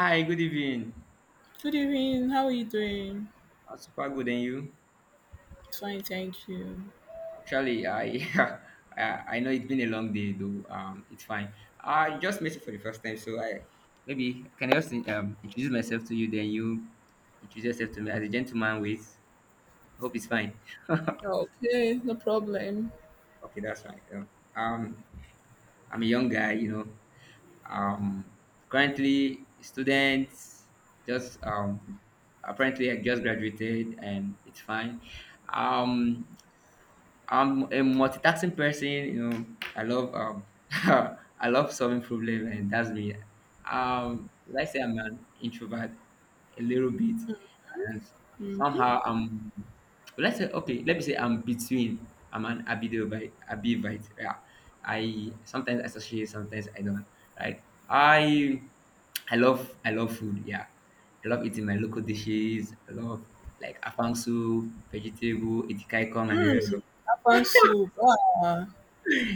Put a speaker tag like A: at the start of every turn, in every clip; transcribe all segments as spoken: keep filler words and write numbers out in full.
A: Hi, good evening.
B: Good evening. How are you doing?
A: I'm super good, and you?
B: Fine, thank you.
A: Actually, I, I I know it's been a long day, though. Um, it's fine. I just met you for the first time, so I maybe can I just um introduce myself to you, then you introduce yourself to me as a gentleman. With hope it's fine.
B: Oh, okay, no problem.
A: Okay, that's fine. Um, um, I'm a young guy, you know. Um, Currently student, just um, apparently I just graduated, and it's fine. Um, I'm a multitasking person. You know, I love um, I love solving problems, and that's me. Um, let's say I'm an introvert a little bit, and
B: Mm,
A: somehow I'm. Let's say okay. Let me say I'm between. I'm an ambivert. Ambivert. Yeah. I sometimes associate, sometimes I don't. Right. I I love I love food. Yeah. I love eating my local dishes. I love like afang soup, vegetable, itikaikong, and the
B: mm,
A: rest of
B: afang soup. Ah,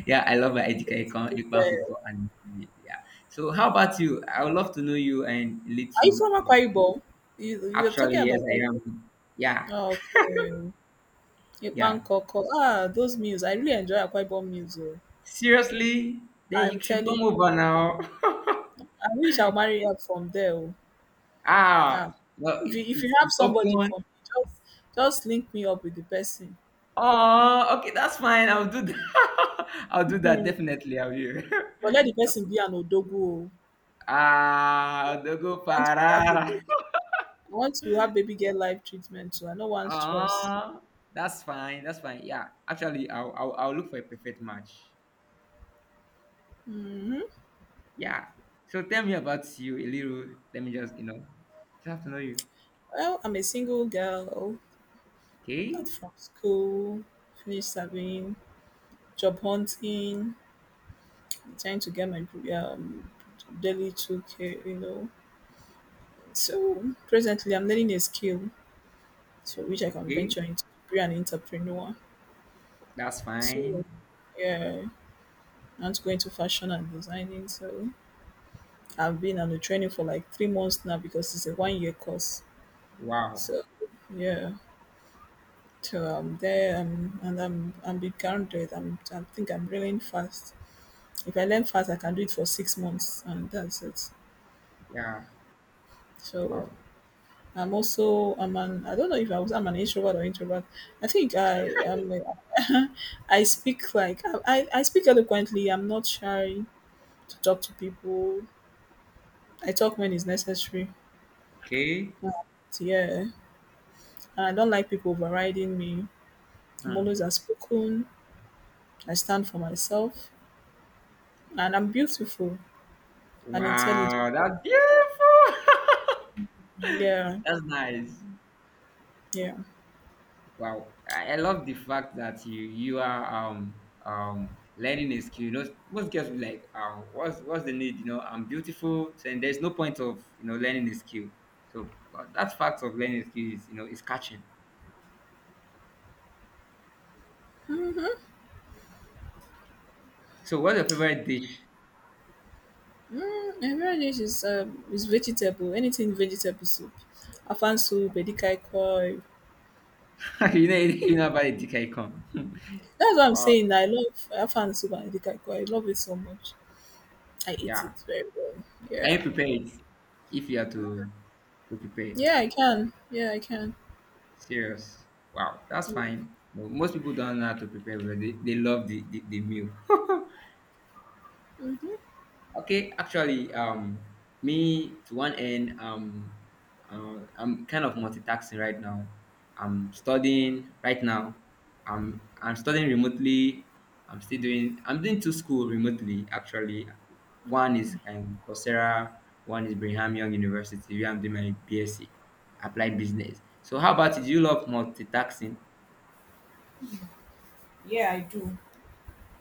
A: yeah, I love my Edika
B: eh,
A: Ikwankuko and yeah. So how about you? I would love to know you and
B: are you
A: little
B: from
A: about.
B: Akwa Ibom? You, you're
A: Actually,
B: talking
A: yes,
B: about like
A: I am. Yeah,
B: oh, okay, Ipan
A: yeah.
B: Koko. Ah, those meals. I really enjoy Akwa Ibom meals. Oh.
A: Seriously, then
B: I'm
A: you should
B: telling
A: come
B: you,
A: over now.
B: I wish I'll marry up from there. Oh. Ah,
A: Ah, well,
B: if
A: it,
B: you, if you
A: it's
B: have
A: it's
B: somebody
A: open.
B: for me, just just link me up with the person.
A: Oh, okay, that's fine. I'll do that. I'll do that
B: Hmm.
A: definitely. I'll do.
B: But let the
A: That's
B: person
A: fine.
B: be an odogu. Oh.
A: Ah, the go
B: I want to have odogu.
A: parara.
B: I want to have baby girl life treatment too. I no want stress.
A: Ah, that's fine. That's fine. Yeah, actually, I'll, I'll I'll look for a perfect match.
B: Hmm.
A: Yeah. So tell me about you a little. Let me just, you know, just have to know you.
B: Well, I'm a single girl,
A: Okay.
B: out from school, finished serving, job hunting, trying to get my um, daily two K, you know. So presently, I'm learning a skill to which I can
A: Okay.
B: venture into, be an entrepreneur.
A: That's
B: So,
A: fine.
B: yeah, I want to go into fashion and designing. So I've been on the training for like three months now because it's a one year course.
A: Wow.
B: So, yeah. So I'm there, um, and I'm I'm been grounded. I'm I think I'm learning fast. If I learn fast, I can do it for six months, and that's it.
A: Yeah.
B: So
A: Wow.
B: I'm also I'm an, I don't know if I was I'm an introvert or introvert. I think I am. I speak like I I I speak eloquently. I'm not shy to talk to people. I talk when it's necessary.
A: Okay.
B: But yeah, I don't like people overriding me. I'm
A: Hmm.
B: always outspoken. I stand for myself, and I'm beautiful and intelligent.
A: Wow. That's beautiful.
B: Yeah,
A: That's nice.
B: yeah.
A: Wow. I, I love the fact that you you are um um learning a skill. You know, most girls be like, um, what's what's the need? You know, I'm beautiful, so, and there's no point of you know learning a skill. So uh, that fact of learning a skill is you know is catching. So, what's your favorite dish?
B: Mm, every dish is um is vegetable. Anything vegetable soup, afan soup, edikai koi.
A: You know anything about the Dikaikon?
B: That's what I'm
A: uh,
B: saying. I love afan soup and edikai koi. I love it so much. I eat
A: yeah.
B: it very well.
A: Can
B: Yeah,
A: you prepare it if you are to to prepare?
B: yeah. I can. Yeah, I can.
A: Serious. Wow, that's fine. No, most people don't know how to prepare, but they, they love the, the, the meal.
B: Hmm.
A: Okay, actually, um, me to one end, um, uh, I'm kind of multitasking right now. I'm studying right now. I'm I'm studying remotely. I'm still doing I'm doing two school remotely actually. One is um, Coursera, one is Brigham Young University where I'm doing my BSc, applied business. So how about it? Do you love multitasking?
B: Yeah, I do.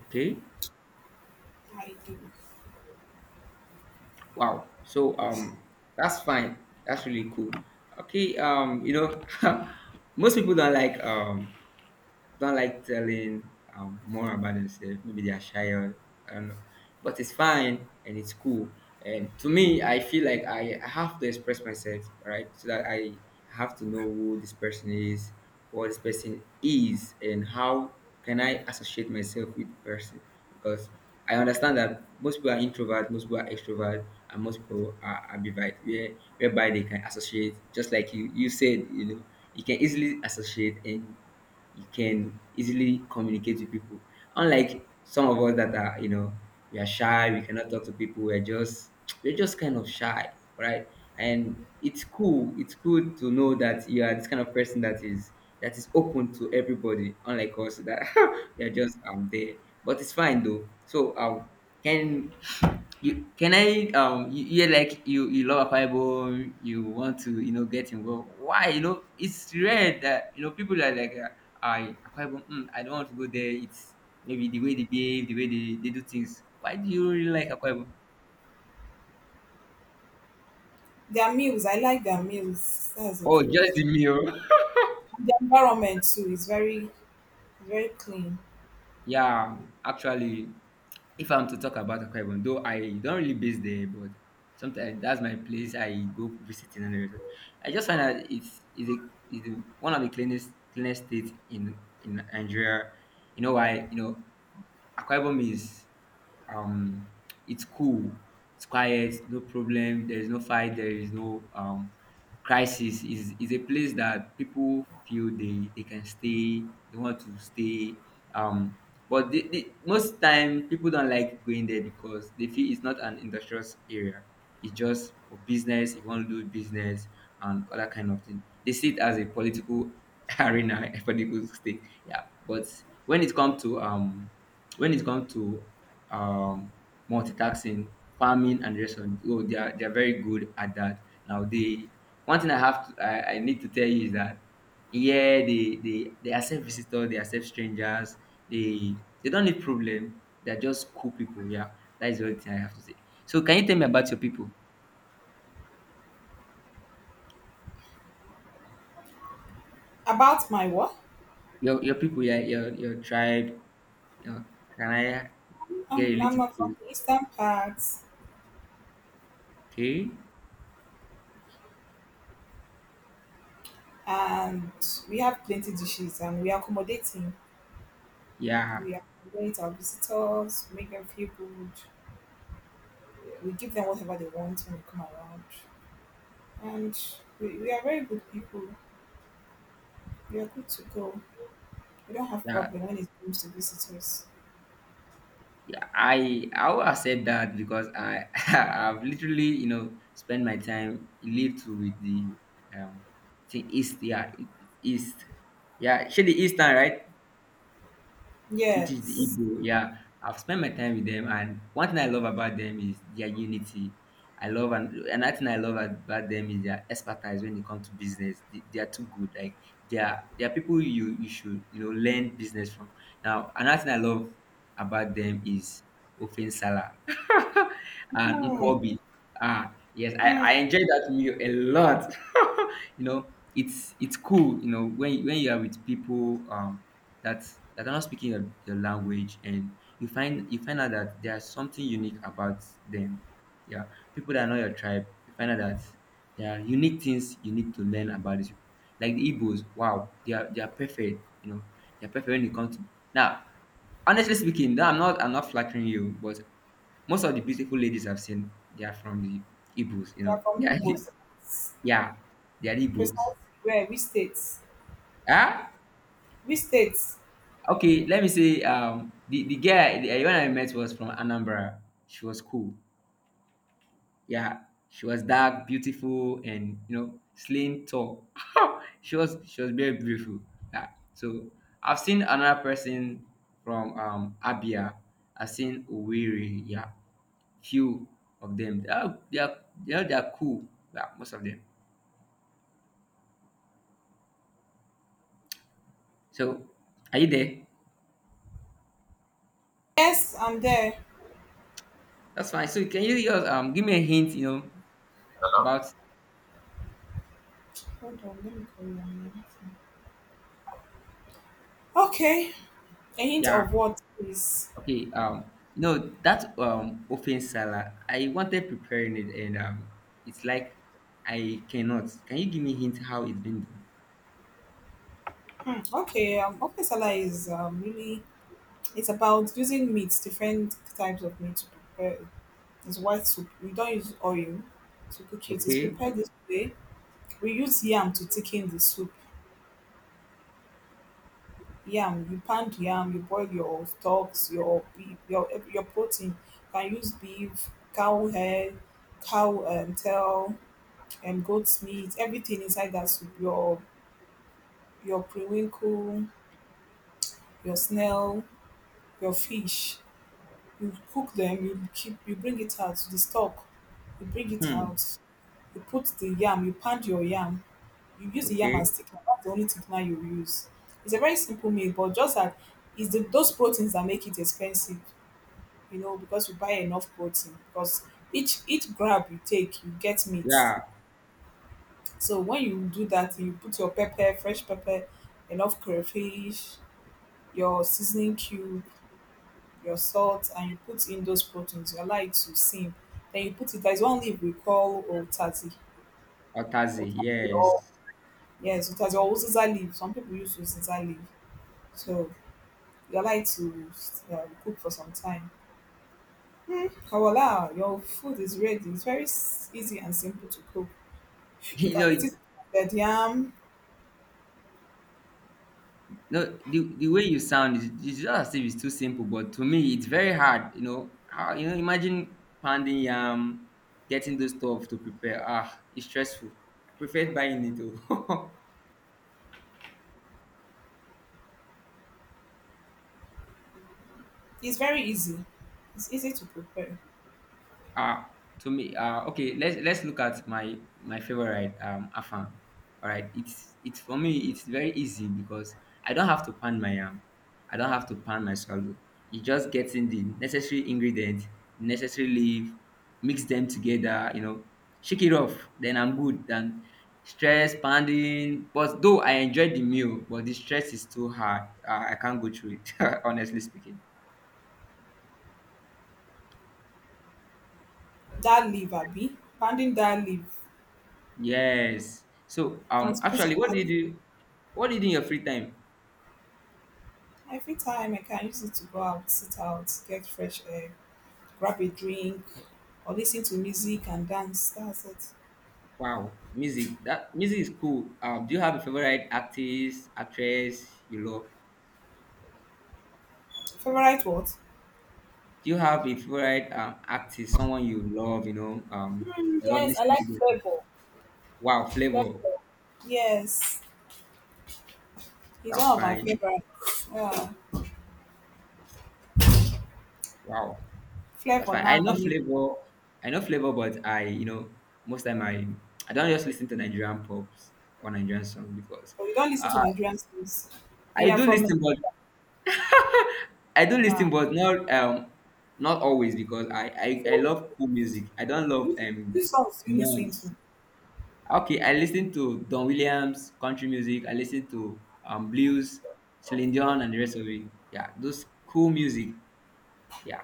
A: Okay.
B: I do.
A: Wow. So um, that's fine. That's really cool. Okay. Um, you know, most people don't like um don't like telling um, more about themselves. Maybe they are shy or I don't know. But it's fine and it's cool. And to me, I feel like I have to express myself, right? So that I have to know who this person is, what this person is, and how can I associate myself with the person. Because I understand that most people are introvert, most people are extrovert, and most people are ambivert, where, whereby they can associate, just like you, you said, you know, you can easily associate and you can easily communicate with people. Unlike some of us that are, you know, we are shy, we cannot talk to people, we're just we're just kind of shy, right? And it's cool, it's cool to know that you are this kind of person that is that is open to everybody, unlike us that we are just um there. But it's fine though. So um can you can I um you, you like you you love Akwa you want to you know get involved. Why? You know, it's rare that you know people are like uh, I Akwa Ibom, mm, I don't want to go there. It's maybe the way they behave, the way they, they do things. Why do you really like Akwa Ibom?
B: Their meals, I like their meals. That's the
A: Oh, just
B: truth.
A: the meal.
B: The environment too is very, very clean.
A: Yeah, actually, if I'm to talk about Akwa Ibom, though I don't really base there, but sometimes that's my place I go visiting and everything. I just find that it's is a is the- one of the cleanest cleanest states in in Nigeria. You know why? You know, Akwa Ibom is um it's cool, it's quiet, no problem. There is no fight. There is no um crisis. is is a place that people feel they they can stay. They want to stay. Um, but the, the, most time people don't like going there because they feel it's not an industrious area. It's just for business, if you want to do business and other kind of thing. They see it as a political arena, a political state. Yeah. But when it comes to um when it comes to um multitasking, farming and restaurant, oh they are they are very good at that. Now they one thing I have to I, I need to tell you is that yeah, they they they accept visitors, they accept strangers. They they don't need problem. They're just cool people. Yeah, that is the only thing I have to say. So, can you tell me about your people?
B: About my what?
A: Your your people. Yeah, your your tribe. Your, can I get a
B: I'm, I'm
A: little
B: not from
A: bit?
B: the eastern part.
A: Okay.
B: And we have plenty dishes and we accommodate him.
A: Yeah.
B: We accommodate our visitors, make them feel good. We give them whatever they want when they come around. And we, we are very good people. We are good to go. We don't have
A: Yeah.
B: problem when it comes to visitors.
A: Yeah. I I will accept that because I I've literally you know spent my time lived with the um thing east. Yeah, east. Yeah, actually eastern, right? Which is the
B: Yes.
A: Igbo. Yeah, I've spent my time with them, and one thing I love about them is their unity. I love and another thing I love about them is their expertise when it comes to business. They, they are too good. Like they are they are people you you should you know learn business from. Now another thing I love about them is Ofen Salah and Nkwobi. Ah yes, I,
B: Hmm.
A: I enjoyed that meal a lot. You know it's it's cool you know when when you are with people um that that are not speaking your, your language and you find you find out that there's something unique about them, yeah, people that are not your tribe you find out that there are unique things you need to learn about these people, like the Igbos, wow, they are they are perfect, you know, they're perfect when it comes to now, honestly speaking, no, i'm not i'm not flattering you, but most of the beautiful ladies I've seen, they are from the Igbos, you
B: They are
A: know.
B: from
A: Yeah,
B: Igbos.
A: yeah, they are
B: Precisely
A: Igbos.
B: where? Which states?
A: Ah,
B: Which states?
A: okay. Let me say, um, the the girl, the, the one I met was from Anambra. She was cool. Yeah, she was dark, beautiful, and you know, slim, tall. she was she was very beautiful. Yeah. So I've seen another person from um Abia. I've seen Owerri. Yeah, few of them. They are they are, they are, they are cool. Yeah, most of them. So are you there?
B: Yes, I'm there.
A: That's fine. So can you just um give me a hint? You know about
B: Hold on, let me call you. Okay. A hint
A: yeah.
B: of what, please?
A: Okay, um, you know that um open salad, I wanted preparing it, and um, it's like I cannot. Can you give me hint how it's been done?
B: Hmm, okay, um, okra salad is um, really it's about using meats, different types of meat to prepare. It's white soup. We don't use oil to cook it. It's
A: Okay.
B: prepared this way. We use yam to thicken the soup. Yam, you pound yam, you boil your stocks, your beef, your your protein. You can use beef, cow hair, cow um, tail, and goat's meat. Everything inside that soup. Your your periwinkle, your snail, your fish, you cook them, you keep, you bring it out the stock. You bring it
A: Hmm.
B: out, you put the yam, you pound your yam, you use the yam
A: Okay.
B: as thickener. That's the only thickener you use. It's a very simple meal, but just that it's the, those proteins that make it expensive, you know, because you buy enough protein, because each each grab you take you get meat.
A: Yeah.
B: So when you do that, you put your pepper, fresh pepper, enough crayfish, your seasoning cube, your salt, and you put in those proteins, you allow it to simmer. Then you put it, there's one leaf we call otati.
A: Otazi.
B: Otati or
A: Yes.
B: yes, otati or uziza leaf. Some people use uziza leaf. So you allow it to um, cook for some time. Kawala, your food is ready. It's very s- easy and simple to cook. You
A: You
B: can eat
A: know,
B: it with yam.
A: no, the, the way you sound is it's just as if it's too simple, but to me it's very hard. You know, how you know, imagine pounding yam, getting those stuff to prepare. Ah, it's stressful. I prefer buying it. too.
B: It's very easy. It's easy to prepare.
A: Uh, to me, uh, okay, let's let's look at my my favorite um afam. All right, it's it's for me it's very easy because I don't have to pan my yam, I don't have to pan my swallow. You just get in the necessary ingredient, necessary leaf, mix them together, you know, shake it off. Then I'm good. Then stress, pounding. But though I enjoyed the meal, but the stress is too hard. Uh, I can't go through it, honestly speaking.
B: That leaf, Abi, pounding that leaf
A: Yes. So
B: and
A: um
B: squeezing
A: actually what
B: that.
A: do you do what do you do in your free time?
B: Every time I can use it to go out, sit out, get fresh air, grab a drink, or listen to music and dance. That's it.
A: Wow, music. That music is cool. Um do you have a favorite artist, actress you love?
B: Favorite what?
A: Do you have a favorite um artist, someone you love, you know? Um you love listening to their song? Wow,
B: Flavour.
A: flavor.
B: Yes, he's one
A: That's
B: of my
A: fine.
B: favorites. Yeah.
A: Wow. That's
B: Flavor
A: fine. I know
B: Nambali.
A: flavor. I know flavor, but I you know, most time I I don't just listen to Nigerian pops or Nigerian songs because
B: But you don't listen to
A: uh,
B: Nigerian songs. And
A: I
B: you're
A: do
B: from Nigeria.
A: listen, but I do listen,
B: Ah,
A: but not um not always because I I, I
B: so
A: love cool music. I don't love
B: which,
A: um
B: which songs do you listen to?
A: noise. Okay, I listen to Don Williams country music. I listen to um blues, Celine Dion, and the rest of it. Yeah, those cool music. Yeah.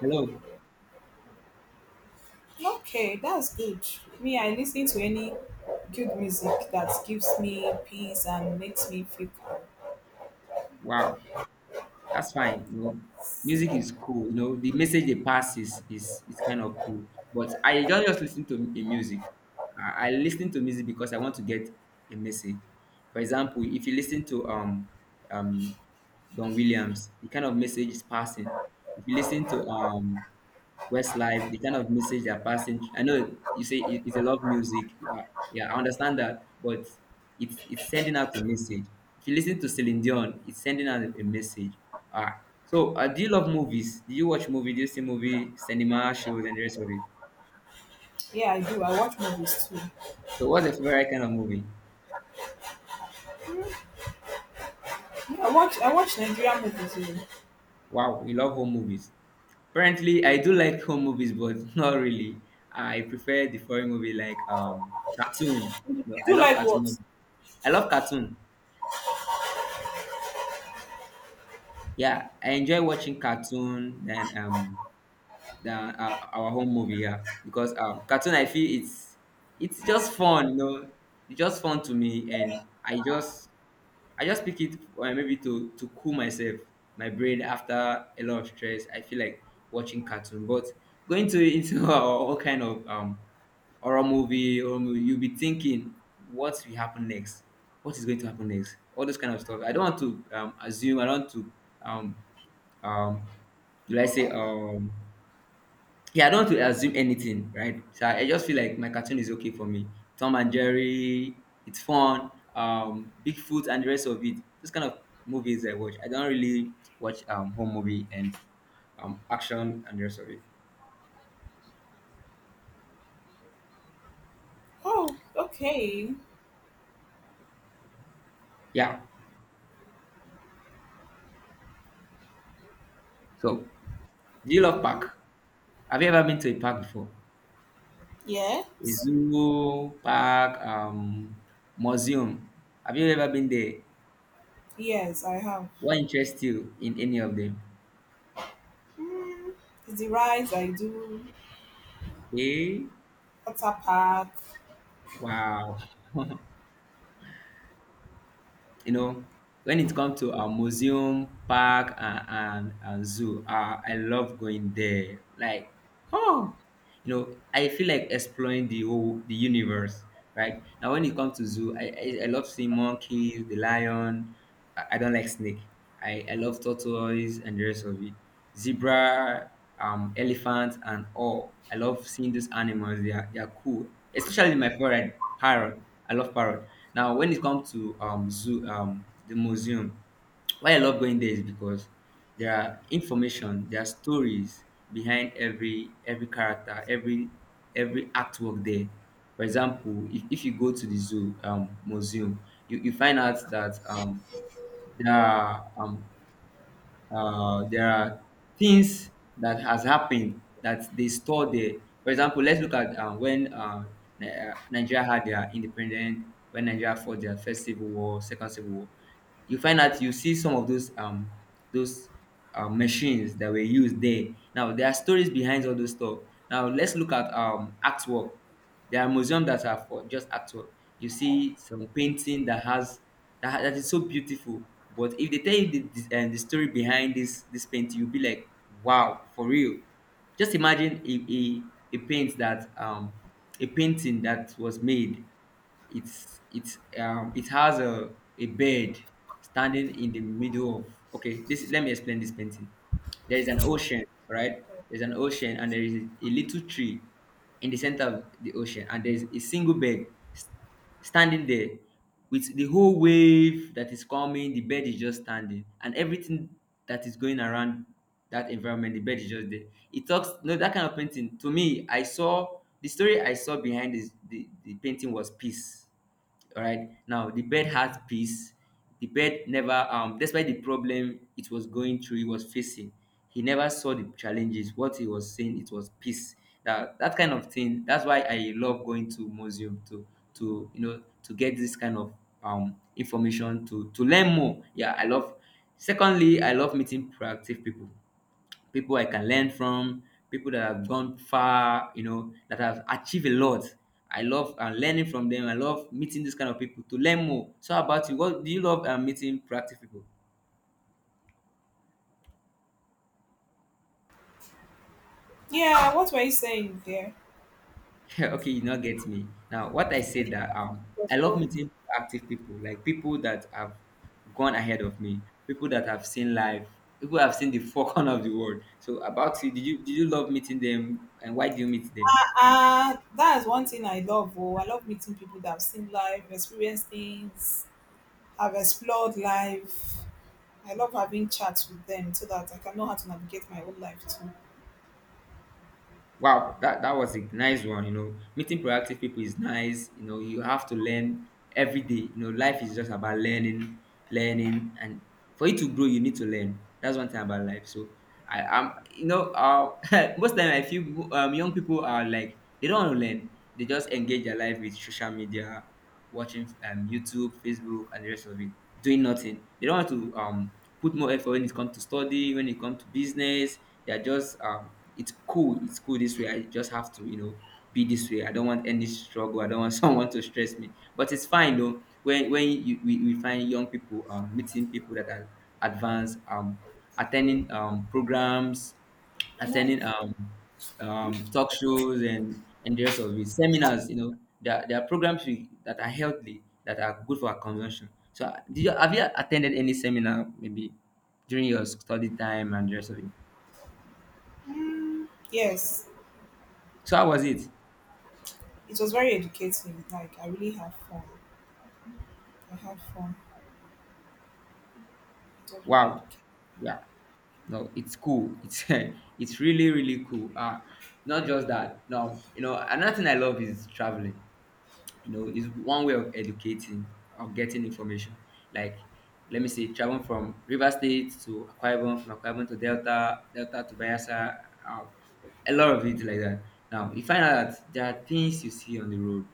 A: Hello.
B: Okay, that's good. Me, I listen to any good music that gives me peace and makes me feel calm.
A: Wow. That's fine. You know, music is cool. You know, the message they pass is is is kind of cool. But I don't just listen to m- music. I, I listen to music because I want to get a message. For example, if you listen to um um Don Williams, the kind of message is passing. If you listen to um Westlife, the kind of message they're passing. I know you say it- it's a love music. Yeah, yeah, I understand that, but it's it's sending out a message. If you listen to Celine Dion, it's sending out a message. Ah, so uh, do you love movies? Do you watch movie? Do you see movie, cinema shows, and the rest of it?
B: Yeah, I do. I watch movies too.
A: So what's your favorite kind of movie?
B: Yeah, I watch I watch Nigerian movies too.
A: Wow, you love home movies. Apparently, I do like home movies, but not really. I prefer the foreign movie like um cartoon.
B: You
A: No, I
B: do
A: love
B: like
A: cartoon
B: what?
A: movie. I love cartoon. Yeah, I enjoy watching cartoon than um than uh, our home movie here because uh, cartoon I feel it's it's just fun, you know, it's just fun to me, and I just I just pick it uh, maybe to to cool myself, my brain after a lot of stress. I feel like watching cartoon, but going to into all kind of um horror movie, horror movie, you'll be thinking what will happen next, what is going to happen next, all those kind of stuff. I don't want to um, assume. I don't want to um um do I say um Yeah, I don't want to assume anything, right? So I, I just feel like my cartoon is okay for me. Tom and Jerry, it's fun. Um, Bigfoot and the rest of it. This kind of movies I watch. I don't really watch um home movie and um action and the rest of it.
B: Oh, okay.
A: Yeah. So do you love park? Have you ever been to a park before? A
B: Yes.
A: zoo, park, um, museum. Have you ever been there?
B: Yes, I have.
A: What interests you in any of them?
B: It's the rides I do.
A: Okay.
B: Water park.
A: Wow. You know, when it comes to a museum, park, and, and, and zoo, uh, I love going there. Like, oh, you know I feel like exploring the whole the universe right now. When it comes to zoo, i i, I love seeing monkeys, the lion. I, I don't like snake. I, I love tortoise and the rest of it, zebra, um elephant and all. I love seeing those animals. They are, they are cool, especially my favorite, parrot. I love parrot. Now when it comes to um zoo, um the museum, why I love going there is because there are information, there are stories behind every every character, every every artwork there. For example, if, if you go to the zoo, um, museum, you, you find out that um, there are um, uh, there are things that has happened that they store there. For example, let's look at uh, when uh, Ni- uh, Nigeria had their independence, when Nigeria fought their first civil war, second civil war. You find out, you see some of those um, those uh, machines that were used there. Now there are stories behind all those stuff. Now let's look at um, artwork. There are museums that are for just artwork. You see some painting that has that, ha- that is so beautiful. But if they tell you the, the, uh, the story behind this this painting, you'll be like, wow, for real. Just imagine a, a, a paint that um a painting that was made. It's it's um it has a a bird standing in the middle of, okay, this, let me explain this painting. There is an ocean, right, there's an ocean, and there is a little tree in the center of the ocean, and there's a single bird standing there. With the whole wave that is coming, the bird is just standing, and everything that is going around that environment, the bird is just there. It talks. No, that kind of painting to me, I saw the story I saw behind this the, the painting was peace. All right, now the bed has peace. The bed never, um despite the problem it was going through, it was facing, he never saw the challenges. What he was saying, it was peace. That that kind of thing, that's why I love going to museum to to you know to get this kind of um information to to learn more. Yeah, I love. Secondly, I love meeting proactive people, people I can learn from, people that have gone far, you know, that have achieved a lot. I love uh, learning from them. I love meeting this kind of people to learn more. So how about you, what do you love, uh, meeting proactive people?
B: Yeah, what were you saying there?
A: Okay, you not get me. Now, what I said that um,
B: As
A: I love
B: well.
A: meeting active people, like people that have gone ahead of me, people that have seen life, people that have seen the four corner of the world. So about you, did you did you love meeting them, and why do you meet them?
B: Uh, that is one thing I love. Oh, I love meeting people that have seen life, experienced things, have explored life. I love having chats with them so that I can know how to navigate my own life too.
A: Wow, that, that was a nice one. You know, meeting proactive people is nice. You know, you have to learn every day. You know, life is just about learning, learning, and for you to grow, you need to learn. That's one thing about life. So I am, you know, uh, most time I feel, um, young people are like they don't want to learn. They just engage their life with social media, watching um, YouTube, Facebook, and the rest of it, doing nothing. They don't want to, um, put more effort when it comes to study, when it comes to business. They are just, um, it's cool, it's cool this way. I just have to, you know, be this way. I don't want any struggle. I don't want someone to stress me. But it's fine though. When when you, we, we find young people, um, meeting people that are advanced, um, attending um, programs,
B: Right.
A: attending um, um, talk shows and, and the rest of it. Seminars. You know, there, are- there are programs, we, that are healthy, that are good for our consumption. So, uh, did you, have you attended any seminar maybe during your study time and the rest of it?
B: Yes,
A: So, how was it?
B: it was very educating. Like I really had fun. I had fun. It was very
A: Wow.
B: educating.
A: Yeah. No, it's cool. It's it's really really cool. Uh not just that. No, you know, another thing I love is traveling. You know, is one way of educating or getting information. Like, let me say traveling from River State to Akwa Ibom, from Akwa Ibom to Delta, Delta to Bayelsa, um a lot of it like that. Now you find out that there are things you see on the road,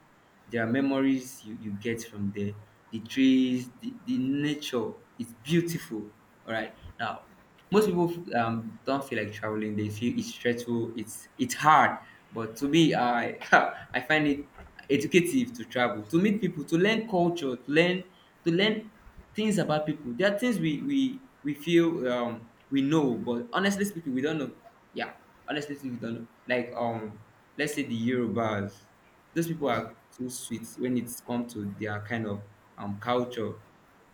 A: there are memories you, you get from there, the trees, the, the nature, it's beautiful. All right. Now most people, um, don't feel like traveling. They feel it's stressful, it's it's hard. But to me, I I find it educative to travel, to meet people, to learn culture, to learn to learn things about people. There are things we we we feel, um we know, but honestly speaking, we don't know. Yeah, honestly speaking, we don't know. Like, um, let's say the Yorubas, those people are too sweet when it's come to their kind of um culture.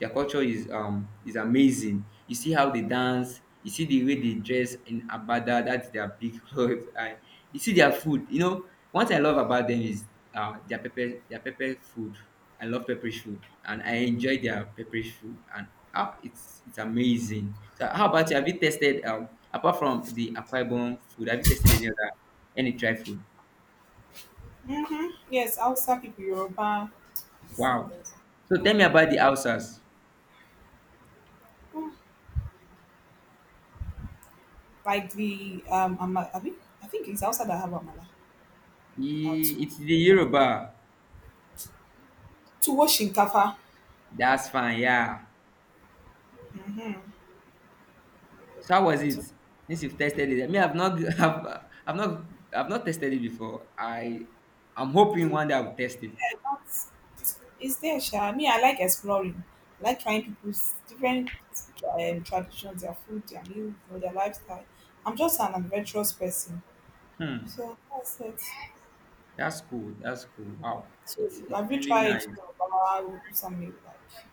A: Their culture is um is amazing. You see how they dance. You see the way they dress in abada. That's their big clothes. And you see their food. You know, one thing I love about them is uh their pepper their pepper food. I love pepperish food, and I enjoy their pepperish food, and ah, it's it's amazing. So how about you? Have you tasted, um apart from the Akwa Ibom food, have you tasted any other, any dry food?
B: Yes, outside people, Yoruba.
A: Wow. So tell me about the Hausas.
B: Like the um, ama-, I mean, I think it's outside that have Amala or
A: Ye-
B: to
A: It's the Yoruba.
B: to wash in Kafa.
A: That's fine, yeah. So how was it? Since you've tested it, I mean, I've not, I've, I've not, I've not tested it before. I, I'm hoping one day I'll test it.
B: Yeah, that's- It's there, Sha. I mean, I like exploring. I like trying people's different um, traditions, their food, their meals, you know, their lifestyle. I'm just an adventurous person.
A: Hmm,
B: So that's it.
A: that's cool. That's cool. Wow,
B: So
A: it's it's
B: have you
A: really
B: tried
A: nice.
B: Yoruba something like?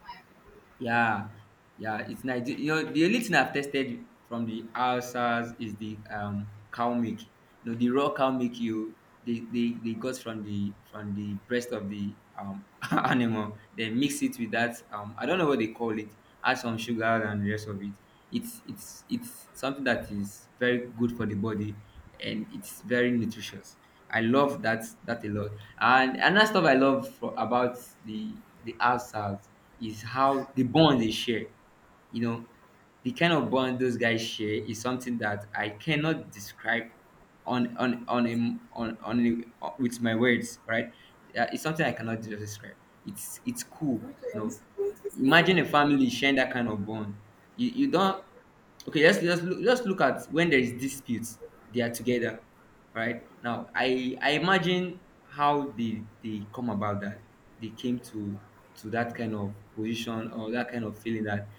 A: Yeah, yeah, it's nice. You know, the only thing I've tested from the Hausas is the um cow milk. You know, the raw cow milk you they, they, they got from the from the breast of the um animal. They mix it with that, um I don't know what they call it. Add some sugar and the rest of it. It's it's it's something that is very good for the body, and it's very nutritious. I love that that a lot. And another stuff I love, for, about the the Hausas, is how the bond they share. You know, the kind of bond those guys share is something that I cannot describe on on on a, on on a, with my words. Right? Uh, it's something I cannot just describe. It's it's cool. You know, imagine a family sharing that kind of bond. You you don't Okay, let's just look, just look at when there is disputes, they are together. Right now, i i imagine how they they come about that. They came to to that kind of position, or that kind of feeling that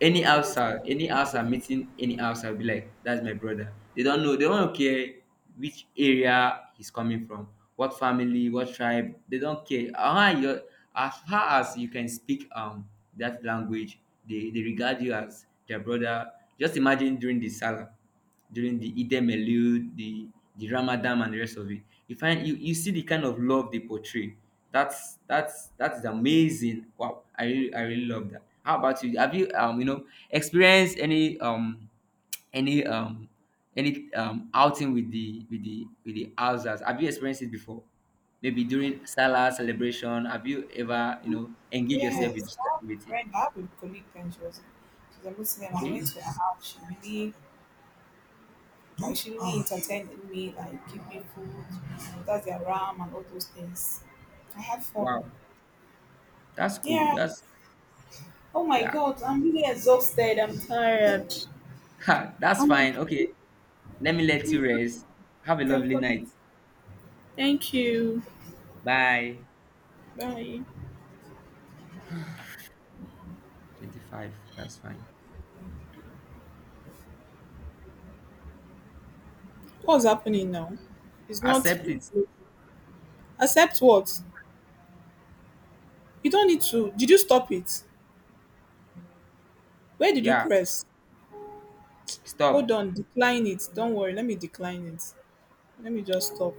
A: any outside, any outside meeting, any outside be like, that's my brother. They don't know, they don't care which area he's coming from, what family, what tribe. They don't care. Ah, you, as far as you can speak um that language, they, they regard you as their brother. Just imagine during the salah, during the Eid Melud, the the Ramadan and the rest of it. You find, you, you see the kind of love they portray. That's that's that is amazing. Wow, I really I really love that. How about you? Have you um you know experienced any, um any um any um outing with the with the with the houses? Have you experienced it before, maybe during salah celebration? Have you ever, you know engage yourself with
B: Yes,
A: this
B: I have a
A: activity?
B: friend, I have a colleague friend. She was she's a Muslim. I
A: Okay,
B: went to her house. She really actually, entertaining me, like give me food, that's their ram and all those things. I had fun.
A: wow, that's cool,
B: Yeah.
A: that's,
B: Oh my
A: yeah.
B: god, I'm really exhausted. I'm tired.
A: Ha, that's
B: Um,
A: fine. Okay, let me let
B: please,
A: you rest. Have a
B: I can
A: lovely
B: call you.
A: night.
B: Thank you.
A: Bye.
B: Bye.
A: twenty-five, that's fine.
B: What's happening now? It's not.
A: Accept it.
B: Accept what? You don't need to. Did you stop it? Where did you
A: Yeah.
B: press? Hold
A: Stop.
B: on. Decline it. Don't worry. Let me decline it. Let me just stop.